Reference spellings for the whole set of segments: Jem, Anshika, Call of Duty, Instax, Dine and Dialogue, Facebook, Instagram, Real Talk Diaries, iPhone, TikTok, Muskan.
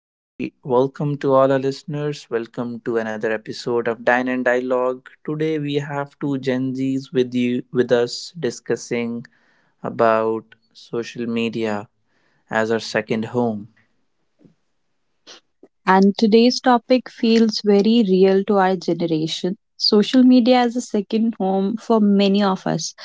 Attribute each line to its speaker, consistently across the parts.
Speaker 1: Very welcome to all our listeners. Welcome to another episode of Dine and Dialogue. Today we have two Gen Zs with us discussing about social media as our second home.
Speaker 2: And today's topic feels very real to our generation. Social media as a second home for many of us.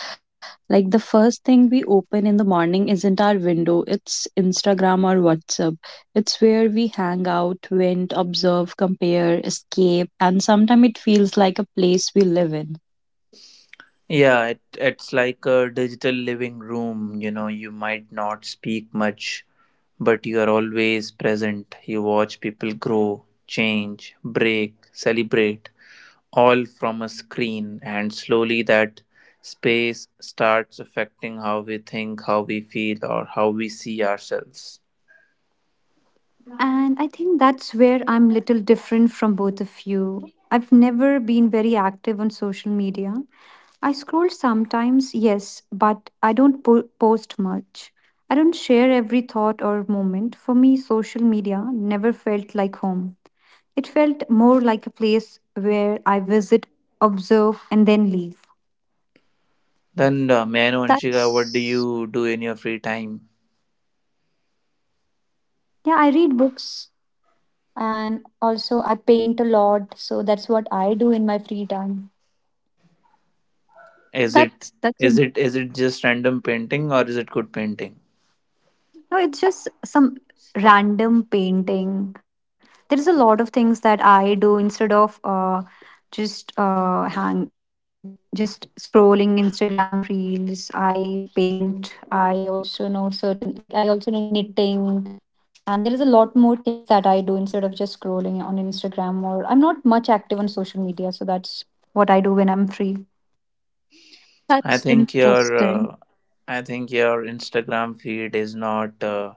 Speaker 2: Like the first thing we open in the morning isn't our window, it's Instagram or WhatsApp. It's where we hang out, vent, observe, compare, escape, and sometimes it feels like a place we live in.
Speaker 1: Yeah, it's like a digital living room. You know, you might not speak much, but you are always present. You watch people grow, change, break, celebrate, all from a screen. And slowly that space starts affecting how we think, how we feel, or how we see ourselves.
Speaker 3: And I think that's where I'm little different from both of you. I've never been very active on social media. I scroll sometimes, yes, but I don't post much. I don't share every thought or moment. For me, social media never felt like home. It felt more like a place where I visit, observe, and then leave.
Speaker 1: Then, may I know, Anshika, what do
Speaker 2: That's
Speaker 1: you do in your free time?
Speaker 3: Yeah, I read books, and also I paint a lot, so that's what I do in my free time.
Speaker 1: Is it
Speaker 2: that's that's in-
Speaker 1: is it just random painting, or is it good painting?
Speaker 3: No, it's just some random painting. There's a lot of things that I do instead of just hang like just scrolling Instagram reels. I paint. I also know knitting, and there is a lot more things that I do instead of just scrolling on Instagram. Or I'm not much active on social media, so that's what I do when I'm free.
Speaker 1: I
Speaker 2: that's
Speaker 1: think your
Speaker 2: interesting.
Speaker 1: uh, I think your Instagram feed is not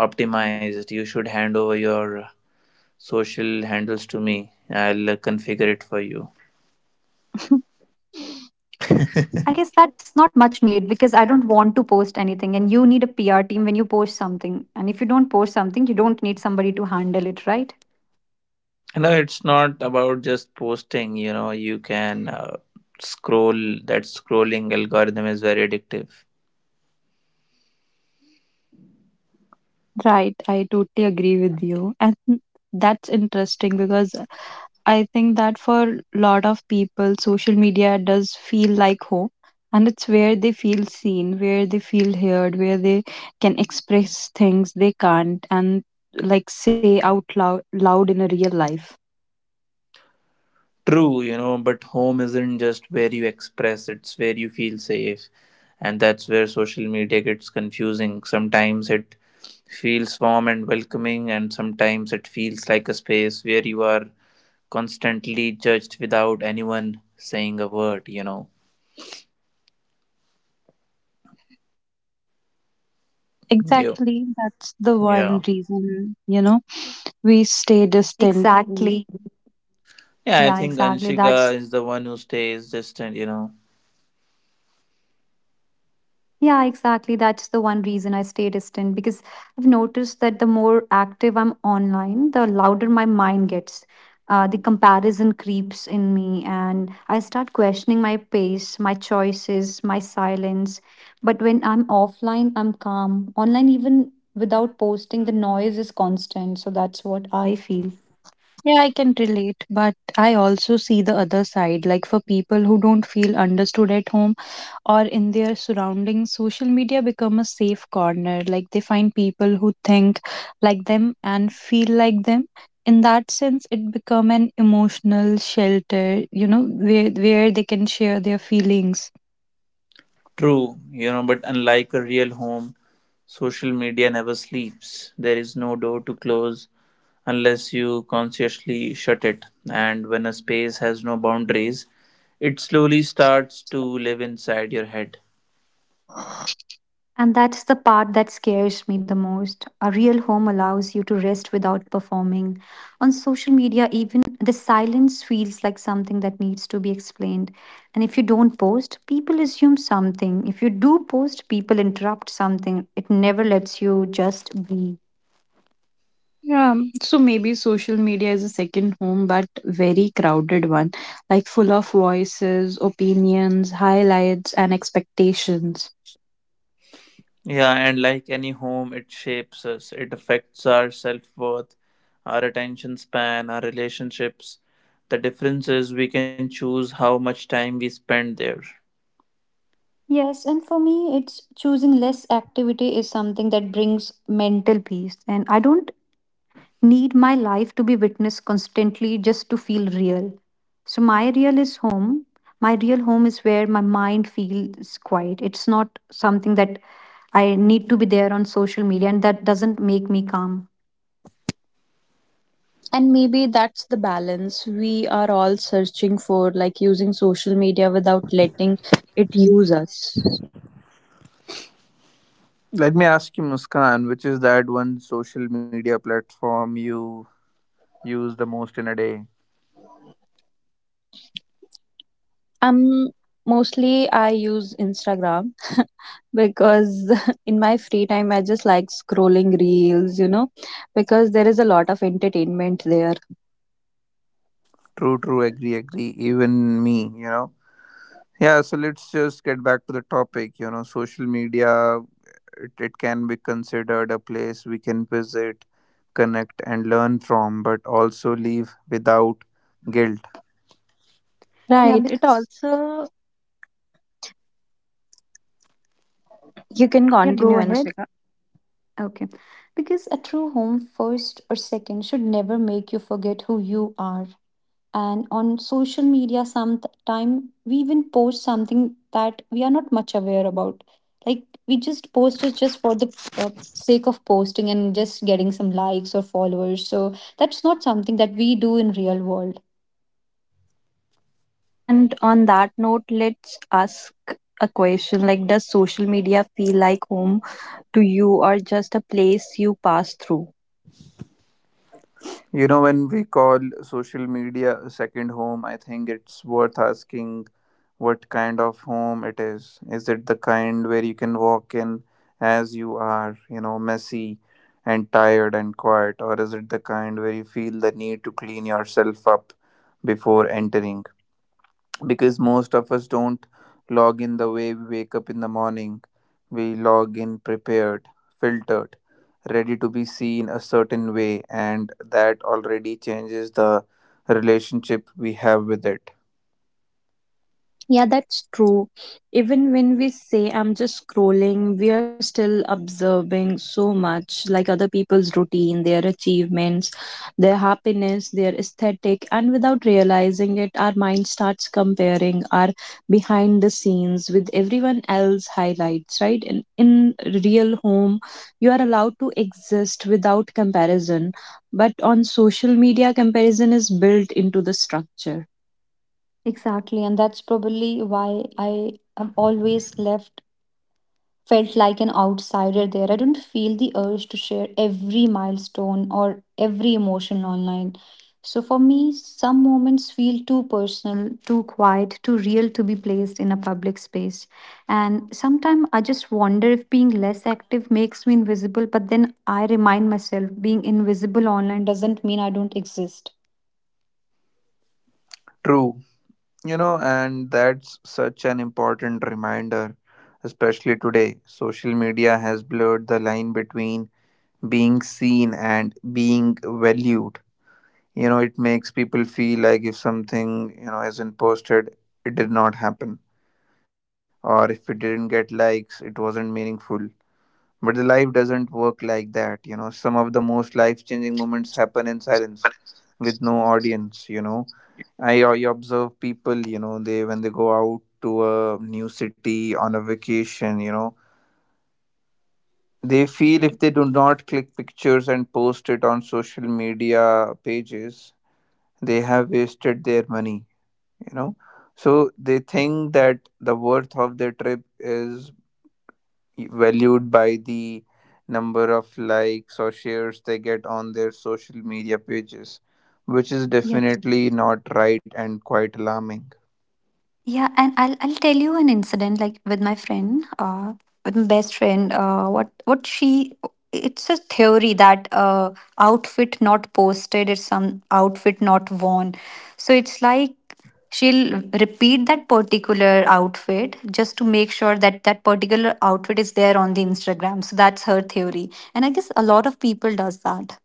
Speaker 1: optimized. You should hand over your social handles to me. I'll configure it for you.
Speaker 3: I guess that's not much needed because I don't want to post anything, and you need a PR team when you post something. And if you don't post something, you don't need somebody to handle it, right?
Speaker 1: You know, it's not about just posting. You know, you can scroll. That scrolling algorithm is very addictive.
Speaker 2: Right, I totally agree with you. And that's interesting because I think that for a lot of people, social media does feel like home, and it's where they feel seen, where they feel heard, where they can express things they can't and like say out loud, loud in a real life.
Speaker 1: True, you know, but home isn't just where you express. It's where you feel safe, and that's where social media gets confusing. Sometimes it feels warm and welcoming, and sometimes it feels like a space where you are constantly judged without anyone saying a word, you know. You,
Speaker 2: Exactly, that's the one
Speaker 1: yeah.
Speaker 2: reason, you know, we stay distant.
Speaker 3: Exactly. Yeah,
Speaker 1: Yeah, I think
Speaker 3: exactly. That's
Speaker 1: Anshika is the one who stays distant, you know.
Speaker 3: Yeah, exactly. That's the one reason I stay distant because I've noticed that the more active I'm online, the louder my mind gets. The comparison creeps in me, and I start questioning my pace, my choices, my silence. But when I'm offline, I'm calm. Online, even without posting, the noise is constant. So that's what I feel.
Speaker 2: Yeah, I can relate, but I also see the other side. Like for people who don't feel understood at home or in their surroundings, social media become a safe corner. Like they find people who think like them and feel like them. In that sense, it become an emotional shelter, you know, where they can share their feelings.
Speaker 1: True, you know, but unlike a real home, social media never sleeps. There is no door to close unless you consciously shut it. And when a space has no boundaries, it slowly starts to live inside your head.
Speaker 3: And that's the part that scares me the most. A real home allows you to rest without performing. On social media, even the silence feels like something that needs to be explained. And if you don't post, people assume something. If you do post, people interrupt something. It never lets you just be.
Speaker 2: Yeah, so maybe social media is a second home, but very crowded one, like full of voices, opinions, highlights, and expectations.
Speaker 1: Yeah, and like any home, it shapes us. It affects our self worth, our attention span, our relationships. The difference is we can choose how much time we spend there.
Speaker 3: Yes, and for me, it's choosing less activity is something that brings mental peace. And I don't need my life to be witnessed constantly just to feel real. So my real is home. My real home is where my mind feels quiet. It's not something that I need to be there on social media, and that doesn't make me calm.
Speaker 2: And maybe that's the balance we are all searching for, like using social media without letting it use us.
Speaker 1: Let me ask you, Muskan, which is that one social media platform you use the most in a day?
Speaker 2: Um, Mostly I use Instagram because in my free time I just like scrolling reels, you know, because there is a lot of entertainment there.
Speaker 1: True, true, agree, agree. Even me, you know. Yeah, so let's just get back to the topic, you know, social media. It can be considered a place we can visit, connect, and learn from, but also leave without guilt.
Speaker 3: Yeah,
Speaker 2: Right. It
Speaker 3: because
Speaker 2: also you can
Speaker 3: yeah, go
Speaker 2: continue,
Speaker 3: ahead.
Speaker 2: Anshika.
Speaker 3: Okay. Because a true home, first or second, should never make you forget who you are. And on social media sometime we even post something that we are not much aware about, like we just post it just for the sake of posting and just getting some likes or followers, so that's not something that we do in real world.
Speaker 2: And on that note, let's ask a question like does social media feel like home to you or just a place you pass through?
Speaker 1: You know, when we call social media a second home, I think it's worth asking what kind of home it is. Is it the kind where you can walk in as you are, you know, messy and tired and quiet, or is it the kind where you feel the need to clean yourself up before entering? Because most of us don't log in the way we wake up in the morning. We log in prepared, filtered, ready to be seen a certain way, and that already changes the relationship we have with it.
Speaker 2: Yeah, that's true. Even when we say I'm just scrolling, we are still observing so much like other people's routine, their achievements, their happiness, their aesthetic, and without realizing it, our mind starts comparing our behind the scenes with everyone else highlights, right? In real home, you are allowed to exist without comparison, but on social media, comparison is built into the structure.
Speaker 3: Exactly, and that's probably why I have always left felt like an outsider there. I don't feel the urge to share every milestone or every emotion online. So for me, some moments feel too personal, too quiet, too real to be placed in a public space. And sometimes I just wonder if being less active makes me invisible, but then I remind myself being invisible online doesn't mean I don't exist.
Speaker 1: True, you know, and that's such an important reminder, especially today. Social media has blurred the line between being seen and being valued. You know, it makes people feel like if something, you know, isn't posted, it did not happen, or if it didn't get likes, it wasn't meaningful. But the life doesn't work like that. You know, some of the most life changing moments happen in silence with no audience, you know. I observe people, you know. They, when they go out to a new city on a vacation, you know, they feel if they do not click pictures and post it on social media pages, they have wasted their money, you know. So they think that the worth of their trip is valued by the number of likes or shares they get on their social media pages, which is
Speaker 3: Yeah.
Speaker 1: definitely not right and quite alarming.
Speaker 3: Yeah, and I'll tell you an incident, like with my friend, with my best friend, what she it's a theory that outfit not posted is some outfit not worn. So it's like she'll repeat that particular outfit just to make sure that that particular outfit is there on the Instagram, so that's her theory, and I guess a lot of people does that.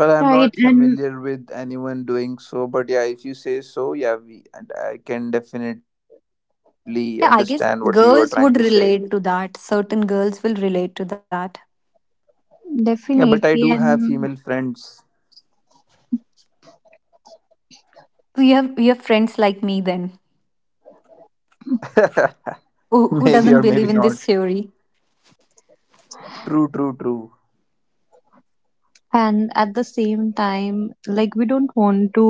Speaker 1: Well, I'm
Speaker 2: Right,
Speaker 1: not
Speaker 2: and
Speaker 1: familiar with anyone doing so, but yeah, if you say so. Yeah, and I can definitely understand what you are
Speaker 3: Yeah I
Speaker 1: trying to
Speaker 3: guess
Speaker 1: say.
Speaker 3: girls would relate to that Certain girls will relate to that.
Speaker 1: Yeah, but I do have
Speaker 2: definitely,
Speaker 1: female
Speaker 2: and
Speaker 1: friends.
Speaker 3: You have friends like me then,
Speaker 1: Maybe
Speaker 3: who
Speaker 1: or
Speaker 3: doesn't
Speaker 1: maybe
Speaker 3: believe
Speaker 1: not.
Speaker 3: in this theory.
Speaker 1: True, true, true.
Speaker 2: and at the same time, like we don't want to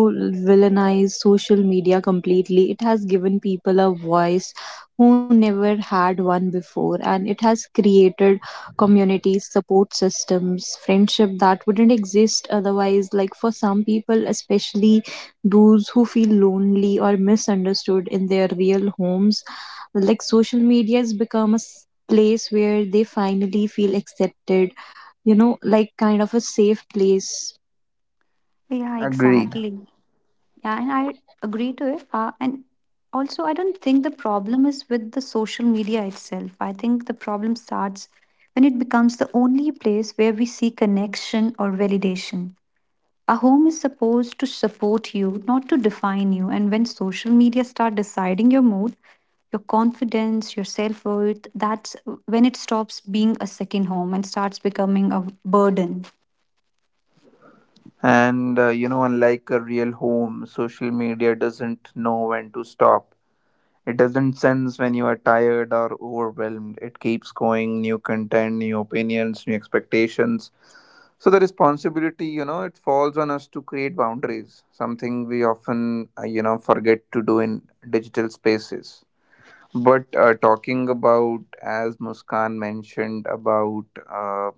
Speaker 2: villainize social media completely. It has given people a voice who never had one before, and it has created communities, support systems, friendship that wouldn't exist otherwise. Like for some people, especially those who feel lonely or misunderstood in their real homes, like social media has become a s- place where they finally feel accepted, you know, like kind of a safe place.
Speaker 3: Yeah,
Speaker 1: Agreed.
Speaker 3: exactly. Yeah, and I agree to it. And also, I don't think the problem is with the social media itself. I think the problem starts when it becomes the only place where we see connection or validation. A home is supposed to support you, not to define you. And when social media start deciding your mood, your confidence, your self worth, that's when it stops being a second home and starts becoming a burden
Speaker 1: And you know, unlike a real home, social media doesn't know when to stop. It doesn't sense when you are tired or overwhelmed. It keeps going, new content, new opinions, new expectations. So the responsibility, you know, it falls on us to create boundaries, something we often, forget to do in digital spaces. But talking about, as Muskan mentioned, about uh,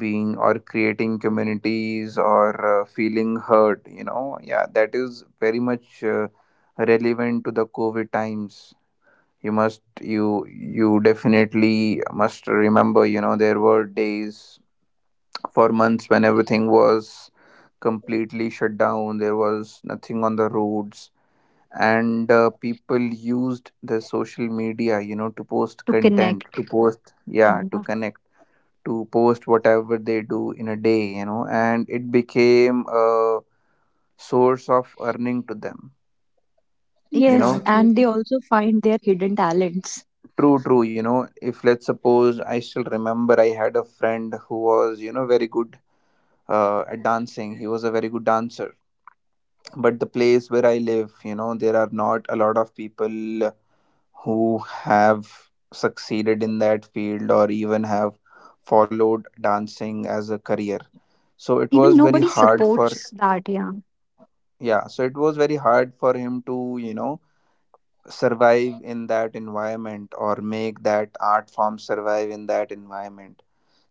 Speaker 1: being or creating communities or feeling heard, you know, yeah, that is very much relevant to the COVID times. You definitely must remember, you know, there were days for months when everything was completely shut down. There was nothing on the roads, and people used the social media, you know, to post
Speaker 3: to
Speaker 1: content,
Speaker 3: connect.
Speaker 1: to post, yeah, to
Speaker 3: Yeah,
Speaker 1: connect, to post whatever they do in a day, you know, and it became a source of earning to them.
Speaker 2: Yes,
Speaker 1: You know,
Speaker 2: and they
Speaker 3: exactly.
Speaker 2: also find their hidden talents.
Speaker 1: true, true. You know, if, let's suppose, I still remember I had a friend who was, you know, very good at dancing. He was a very good dancer, but the place where I live, you know, there are not a lot of people who have succeeded in that field or even have followed dancing as a career.
Speaker 3: Even
Speaker 1: So it
Speaker 3: nobody
Speaker 1: was very hard
Speaker 3: supports
Speaker 1: for
Speaker 3: that. Yeah.
Speaker 1: Yeah, so it was very hard for him to, you know, survive in that environment or make that art form survive in that environment.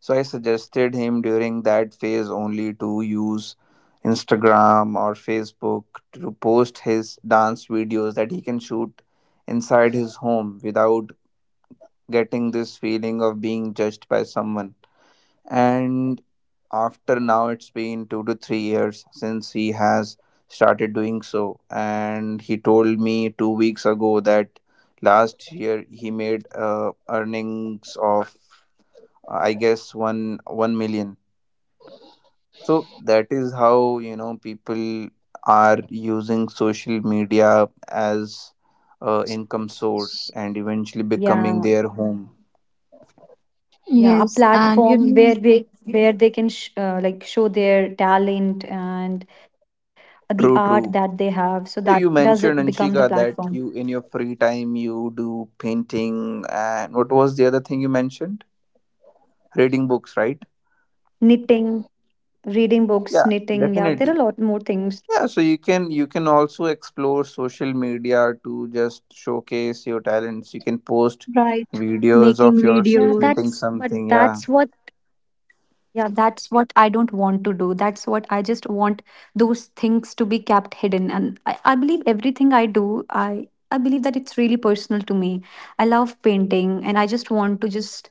Speaker 1: So I suggested him during that phase only to use Instagram or Facebook to post his dance videos that he can shoot inside his home without getting this feeling of being judged by someone. And after now it's been 2 to 3 years since he has started doing so, and he told me 2 weeks ago that last year he made earnings of, I guess, 1 million. So that is how, you know, people are using social media as income source and eventually becoming their
Speaker 3: yeah
Speaker 1: home.
Speaker 2: Yes,
Speaker 3: yeah, a
Speaker 2: and you know,
Speaker 3: platform where they can like show their talent and the
Speaker 1: True,
Speaker 3: art
Speaker 1: true.
Speaker 3: that they have, so
Speaker 1: Yeah,
Speaker 3: that
Speaker 1: you
Speaker 3: does
Speaker 1: mentioned,
Speaker 3: it become
Speaker 1: Anshika,
Speaker 3: the
Speaker 1: that
Speaker 3: platform.
Speaker 1: you, in your free time, you do painting, and what was the other thing you mentioned? Reading books, right?
Speaker 3: Knitting, reading books,
Speaker 1: Yeah,
Speaker 3: knitting, yeah, there are a lot
Speaker 1: definitely.
Speaker 3: more things.
Speaker 1: Yeah, so you can, you can also explore social media to just showcase your talents. You can post
Speaker 2: right,
Speaker 3: Yeah,
Speaker 1: videos
Speaker 2: making
Speaker 1: of
Speaker 3: that's but
Speaker 1: yourself
Speaker 2: videos.
Speaker 1: knitting
Speaker 3: that's what
Speaker 1: something. Yeah.
Speaker 3: Yeah, that's what I don't want to do. That's what I just want those things to be kept hidden. And I believe everything I do, I believe that it's really personal to me. I love painting, and I just want to just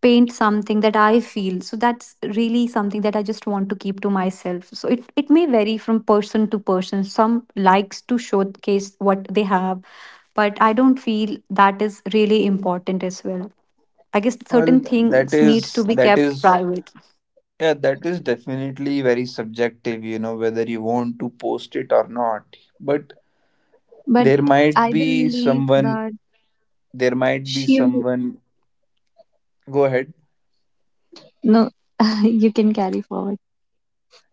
Speaker 3: paint something that I feel. So that's really something that I just want to keep to myself. So it may vary from person to person. Some likes to showcase what they have, but I don't feel that is really important as well. I guess
Speaker 1: Well,
Speaker 3: certain
Speaker 1: that
Speaker 3: things needs
Speaker 1: is
Speaker 3: to be
Speaker 1: that
Speaker 3: kept
Speaker 1: is
Speaker 3: private.
Speaker 1: yeah, that is definitely very subjective, you know, whether you want to post it or not. But
Speaker 2: But
Speaker 1: there might
Speaker 2: I
Speaker 1: be
Speaker 2: believe
Speaker 1: someone
Speaker 2: that
Speaker 1: there might be
Speaker 2: she, w-
Speaker 1: someone Go ahead.
Speaker 2: no, you can carry forward.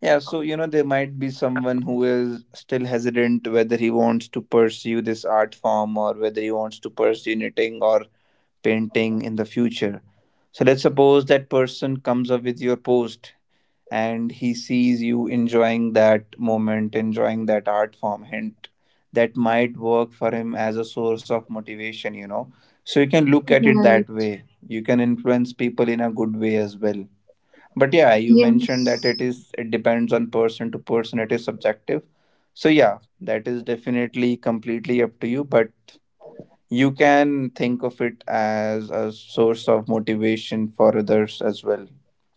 Speaker 1: So there might be someone who is still hesitant whether he wants to pursue this art form or whether he wants to pursue knitting or painting in the future. So let's suppose that person comes up with your post and he sees you enjoying that moment, enjoying that art form, hint, that might work for him as a source of motivation, you know. So you can look at it that
Speaker 2: Right,
Speaker 1: way. You can influence people in a good way as well. But yeah, you mentioned that
Speaker 2: yes,
Speaker 1: it is, it depends on person to person, it is subjective. So yeah, that is definitely completely up to you, but you can think of it as a source of motivation for others as well,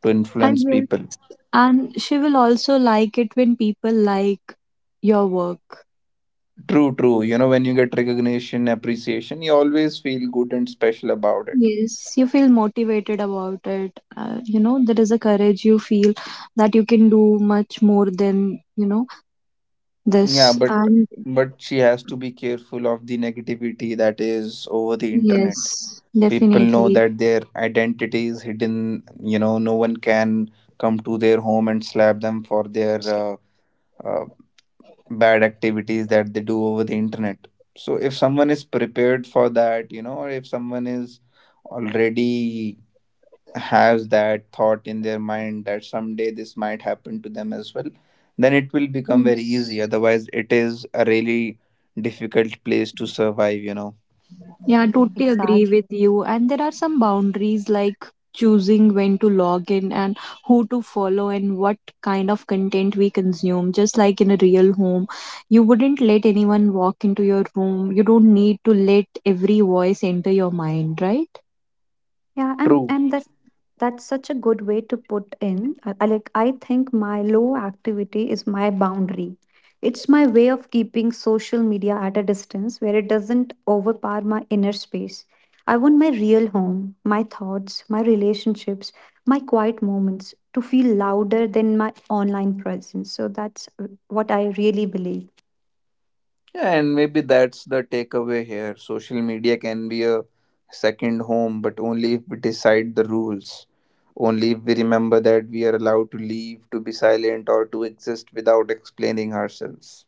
Speaker 1: to
Speaker 2: I
Speaker 1: influence people.
Speaker 2: guess. And she will also like it when people like your work.
Speaker 1: True, true. You know, when you get recognition, appreciation, you always feel good and special about it.
Speaker 2: Yes, you feel motivated about it. You know, there is a courage you feel that you can do much more than, you know,
Speaker 1: Yeah,
Speaker 2: this.
Speaker 1: but
Speaker 2: And
Speaker 1: but she has to be careful of the negativity that is over the internet.
Speaker 2: yes,
Speaker 1: People know
Speaker 2: definitely.
Speaker 1: that their identity is hidden. You know, no one can come to their home and slap them for their uh, bad activities that they do over the internet. So if someone is prepared for that, you know, or if someone is already has that thought in their mind that someday this might happen to them as well, then it will become very easy.
Speaker 2: Yes.
Speaker 1: Otherwise, it is a really difficult place to survive, you know.
Speaker 2: Yeah, I totally agree
Speaker 3: Exactly.
Speaker 2: with you. And there are some boundaries like choosing when to log in and who to follow and what kind of content we consume, just like in a real home. You wouldn't let anyone walk into your room. You don't need to let every voice enter your mind, right?
Speaker 3: Yeah, and
Speaker 1: True.
Speaker 3: that's such a good way to put in. I think my low activity is my boundary. It's my way of keeping social media at a distance where it doesn't overpower my inner space. I want my real home, my thoughts, my relationships, my quiet moments to feel louder than my online presence. So that's what I really believe.
Speaker 1: Yeah, and maybe that's the takeaway here. Social media can be a second home, but only if we decide the rules. Only if we remember that we are allowed to leave, to be silent, or to exist without explaining ourselves.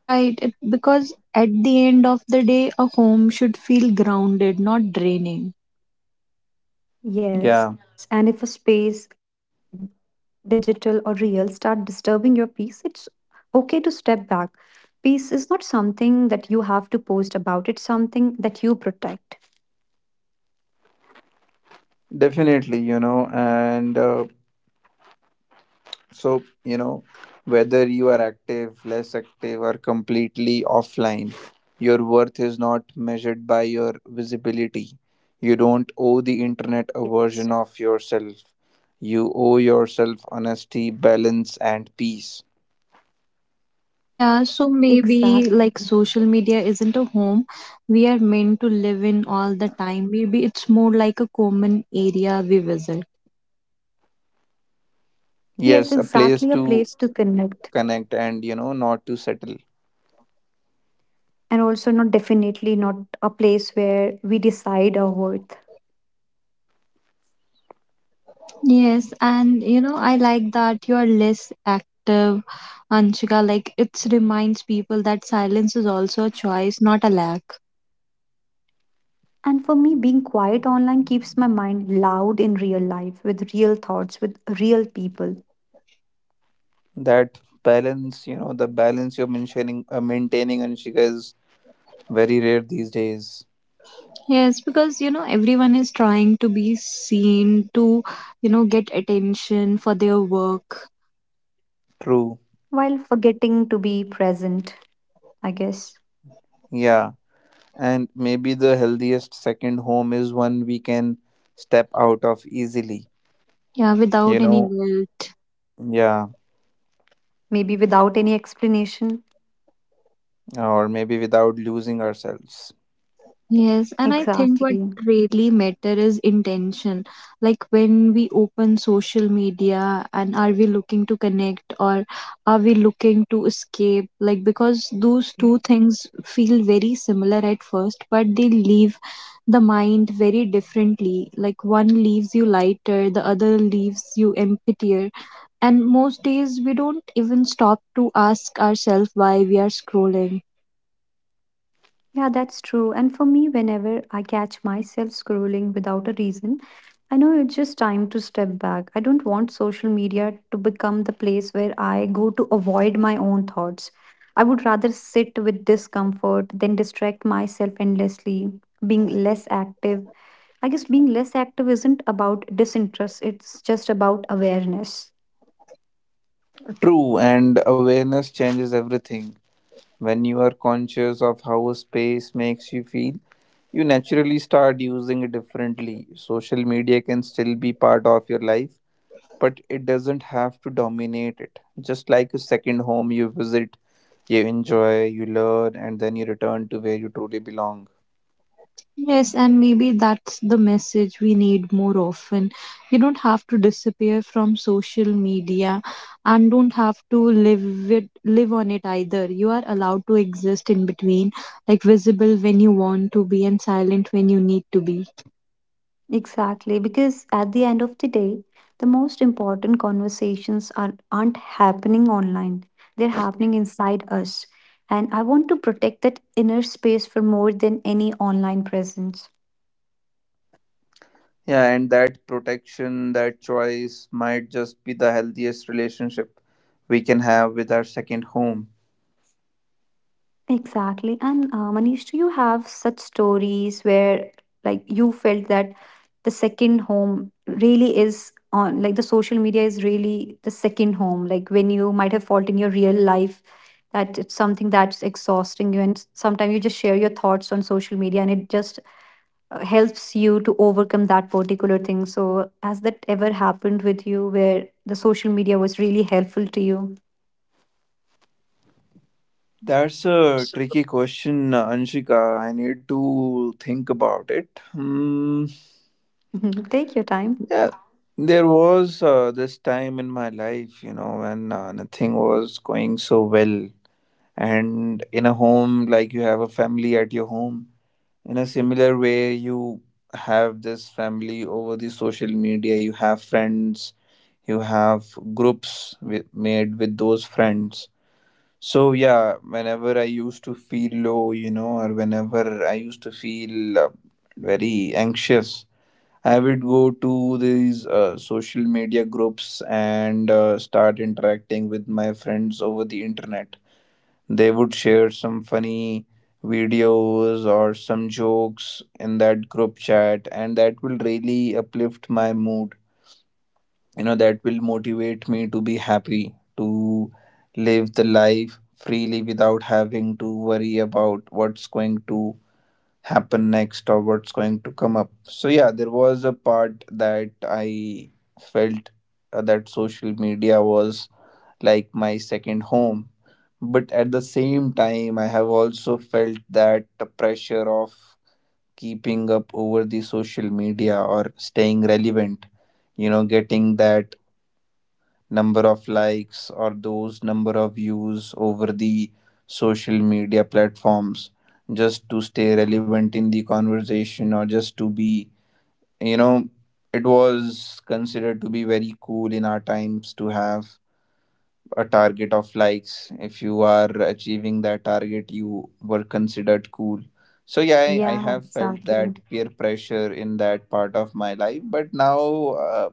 Speaker 2: Right, it, because at the end of the day, a home should feel grounded, not draining.
Speaker 3: Yes, and if a
Speaker 1: Yeah,
Speaker 3: space, digital or real, start disturbing your peace, it's okay to step back. Peace is not something that you have to post about, it's something that you protect.
Speaker 1: definitely, you know, and so, you know, whether you are active, less active, or completely offline, your worth is not measured by your visibility. You don't owe the internet a
Speaker 3: Yes.
Speaker 1: version of yourself. You owe yourself honesty, balance, and peace.
Speaker 2: Yeah, so
Speaker 3: Exactly.
Speaker 2: maybe like social media isn't a home we are meant to live in all the time. Maybe it's more like a common area we visit.
Speaker 3: Yes,
Speaker 1: Yes, a place
Speaker 3: exactly. A
Speaker 1: to
Speaker 3: place to connect.
Speaker 1: connect and, you know, not to settle.
Speaker 3: And also, not, definitely not a place where we decide our worth.
Speaker 2: Yes, and you know, I like that you are less active, Anshika. Like, it reminds people that silence is also a choice, not a lack.
Speaker 3: And for me, being quiet online keeps my mind loud in real life, with real thoughts, with real people,
Speaker 1: That balance, you know, the balance you're maintaining, Anshika, is very rare these days.
Speaker 2: Yes, because you know everyone is trying to be seen to, you know, get attention for their work.
Speaker 1: True.
Speaker 3: while forgetting to be present, I guess.
Speaker 1: Yeah. And maybe the healthiest second home is one we can step out of easily,
Speaker 2: Yeah,
Speaker 1: you
Speaker 2: without any
Speaker 1: know?
Speaker 2: guilt.
Speaker 1: Yeah,
Speaker 3: Maybe without any explanation.
Speaker 1: or maybe without losing ourselves.
Speaker 2: Yes, and I think what
Speaker 3: Exactly.
Speaker 2: really matter is intention. Like when we open social media and are we looking to connect or are we looking to escape? Like because those two things feel very similar at first, but they leave the mind very differently. Like one leaves you lighter, the other leaves you emptier. And most days we don't even stop to ask ourselves why we are scrolling.
Speaker 3: Yeah, that's true. And for me, whenever I catch myself scrolling without a reason, I know it's just time to step back. I don't want social media to become the place where I go to avoid my own thoughts. I would rather sit with discomfort than distract myself endlessly, being less active. I guess being less active isn't about disinterest, it's just about awareness.
Speaker 1: True, and awareness changes everything. When you are conscious of how a space makes you feel, you naturally start using it differently. Social media can still be part of your life, but it doesn't have to dominate it. Just like a second home you visit, you enjoy, you learn, and then you return to where you truly belong.
Speaker 2: Yes, and maybe that's the message we need more often. You don't have to disappear from social media and don't have to live it live on it either. You are allowed to exist in between, like visible when you want to be and silent when you need to be.
Speaker 3: Exactly, because at the end of the day, the most important conversations are, aren't happening online, they're happening inside us. And I want to protect that inner space for more than any online presence.
Speaker 1: Yeah, and that protection, that choice might just be the healthiest relationship we can have with our second home.
Speaker 3: Exactly. And Manish, do you have such stories where like you felt that the second home really is on, like the social media is really the second home, like when you might have felt in your real life that it's something that's exhausting you, and sometimes you just share your thoughts on social media and it just helps you to overcome that particular thing, so has that ever happened with you where the social media was really helpful to you?
Speaker 1: That's a tricky question, Anshika. I need to think about it. Hmm.
Speaker 3: Take your time.
Speaker 1: Yeah, there was this time in my life, you know, when nothing was going so well, and in a home, like you have a family at your home, in a similar way you have this family over the social media. You have friends, you have groups with, made with those friends. So yeah, whenever I used to feel low, you know, or whenever I used to feel very anxious, I would go to these social media groups and start interacting with my friends over the internet. They would share some funny videos or some jokes in that group chat, and that will really uplift my mood. You know, that will motivate me to be happy, to live the life freely without having to worry about what's going to happen next or what's going to come up. So, yeah, there was a part that I felt that social media was like my second home. But at the same time, I have also felt that the pressure of keeping up over the social media or staying relevant, you know, getting that number of likes or those number of views over the social media platforms, just to stay relevant in the conversation, or just to be, you know, it was considered to be very cool in our times to have a target of likes. If you are achieving that target, you were considered cool. So yeah, I
Speaker 3: Yeah,
Speaker 1: have felt
Speaker 3: exactly.
Speaker 1: that peer pressure in that part of my life. But now,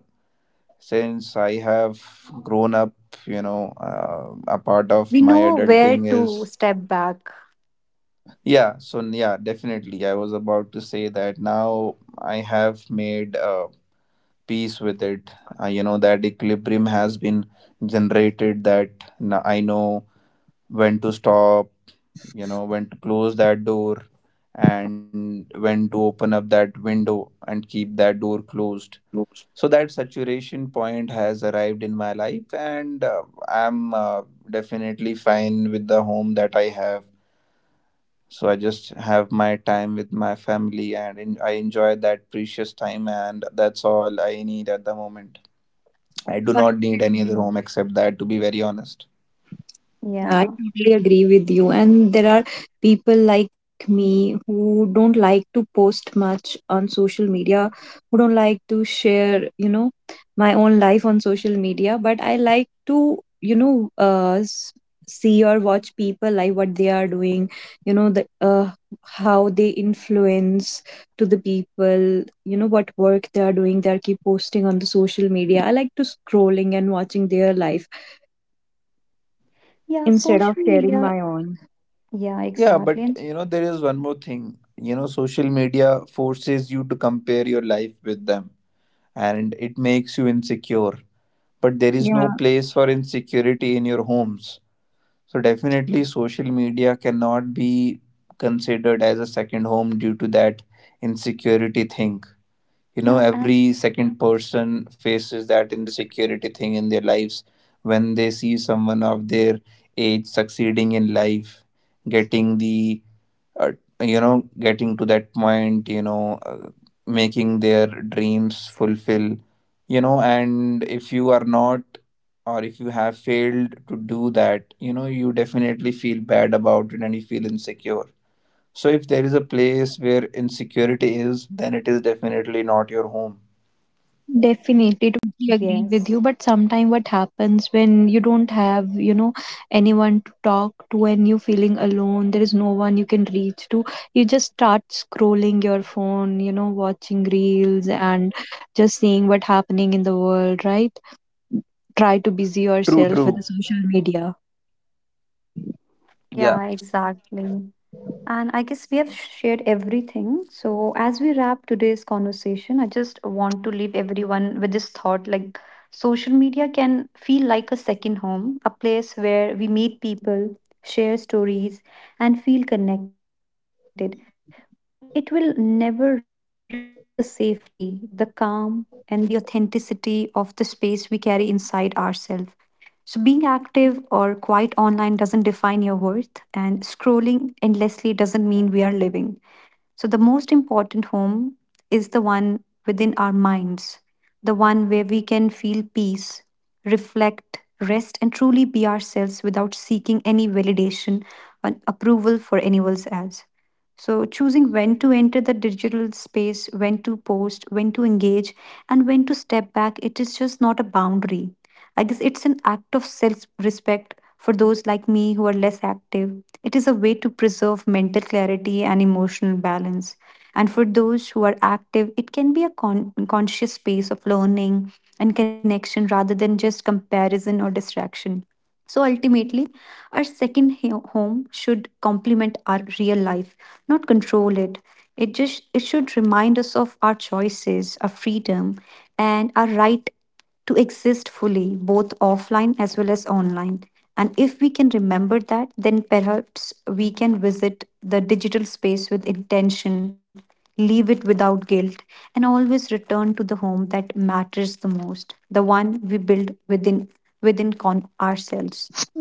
Speaker 1: since I have grown up, you know, a part of
Speaker 3: We
Speaker 1: my
Speaker 3: know where
Speaker 1: adulting
Speaker 3: to
Speaker 1: is
Speaker 3: step back.
Speaker 1: yeah. So yeah, definitely, I was about to say that now I have made peace with it. You know, that equilibrium has been generated. I know when to stop, you know, when to close that door and when to open up that window and keep that door closed. So that saturation point has arrived in my life, and I'm definitely fine with the home that I have. So I just have my time with my family and I enjoy that precious time, and that's all I need at the moment. I do
Speaker 2: That's
Speaker 1: not need any other home except that, to be very honest.
Speaker 2: yeah, I
Speaker 3: Yeah.
Speaker 2: totally agree with you. And there are people like me who don't like to post much on social media, who don't like to share, you know, my own life on social media. But I like to, you know, see or watch people like what they are doing, you know, the how they influence to the people, you know, what work they are doing. They are keep posting on the social media. I like to scrolling and watching their life
Speaker 3: Yeah,
Speaker 2: instead of
Speaker 3: social
Speaker 2: sharing
Speaker 3: media.
Speaker 2: my own.
Speaker 3: Yeah,
Speaker 1: Yeah,
Speaker 3: exactly.
Speaker 1: but
Speaker 3: And
Speaker 1: you know, there is one more thing. You know, social media forces you to compare your life with them, and it makes you insecure. But there is
Speaker 2: Yeah,
Speaker 1: no place for insecurity in your homes. So, definitely, social media cannot be considered as a second home due to that insecurity thing. You know,
Speaker 3: yeah, and
Speaker 1: every second person faces that insecurity thing in their lives when they see someone of their age succeeding in life, getting the uh, you know, getting to that point, you know, making their dreams fulfill, you know, and if you are not, or if you have failed to do that, you know, you definitely feel bad about it, and you feel insecure. So if there is a place where insecurity is, then it is definitely not your home.
Speaker 2: definitely,
Speaker 3: yes.
Speaker 2: totally agree with you. But sometimes what happens when you don't have, you know, anyone to talk to and you're feeling alone, there is no one you can reach to, you just start scrolling your phone, you know, watching reels and just seeing what happening in the world, right? Try to busy
Speaker 1: True,
Speaker 2: yourself with
Speaker 1: true.
Speaker 2: the social media.
Speaker 1: Yeah.
Speaker 3: Yeah, exactly. And I guess we have shared everything. So, as we wrap today's conversation, I just want to leave everyone with this thought, like, social media can feel like a second home, a place where we meet people, share stories, and feel connected. But it will never replace the safety, the calm, and the authenticity of the space we carry inside ourselves. So, being active or quiet online doesn't define your worth, and scrolling endlessly doesn't mean we are living. So, the most important home is the one within our minds, the one where we can feel peace, reflect, rest, and truly be ourselves without seeking any validation or approval for anyone else. So, choosing when to enter the digital space, when to post, when to engage, and when to step back, it is just not a boundary. I guess it's an act of self respect. For those like me who are less active, it is a way to preserve mental clarity and emotional balance. And for those who are active, it can be a conscious space of learning and connection rather than just comparison or distraction. So ultimately, our second home should complement our real life, not control it. It just it should remind us of our choices, our freedom, and our right to exist fully, both offline as well as online. And if we can remember that, then perhaps we can visit the digital space with intention, leave it without guilt, and always return to the home that matters the most, the one we build within ourselves.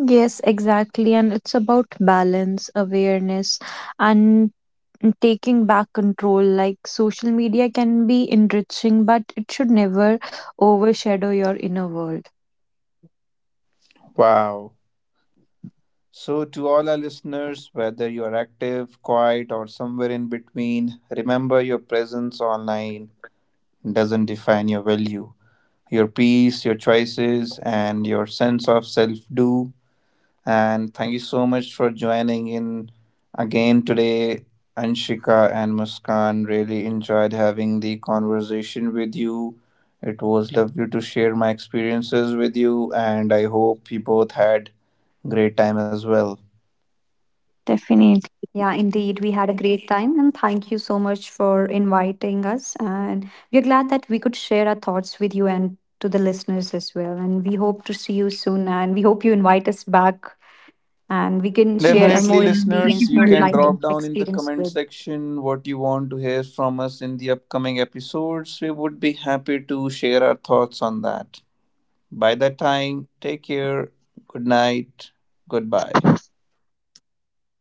Speaker 2: Yes, exactly. And it's about balance, awareness, and and taking back control. Like social media can be enriching, but it should never overshadow your inner world.
Speaker 1: Wow. So to all our listeners, whether you are active, quiet, or somewhere in between, remember your presence online doesn't define your value. Your peace, your choices, and your sense of self do. And thank you so much for joining in again today, Anshika and Muskan. Really enjoyed having the conversation with you. It was lovely to share my experiences with you, and I hope you both had great time as well.
Speaker 3: Yeah, indeed.
Speaker 2: Definitely.
Speaker 3: We had a great time, and thank you so much for inviting us. And we are glad that we could share our thoughts with you and to the listeners as well. And we hope to see you soon, and we hope you invite us back, and we can share our
Speaker 2: Yes.
Speaker 3: more
Speaker 1: Definitely,
Speaker 2: Thank
Speaker 3: experience,
Speaker 2: you
Speaker 3: more
Speaker 2: for
Speaker 3: life
Speaker 1: listeners, you
Speaker 2: listening.
Speaker 1: can drop
Speaker 3: experience
Speaker 1: down in
Speaker 3: with.
Speaker 1: the comment section what you want to hear from us in the upcoming episodes. We would be happy to share our thoughts on that. By that time, take care, good night, goodbye.
Speaker 3: Bye bye.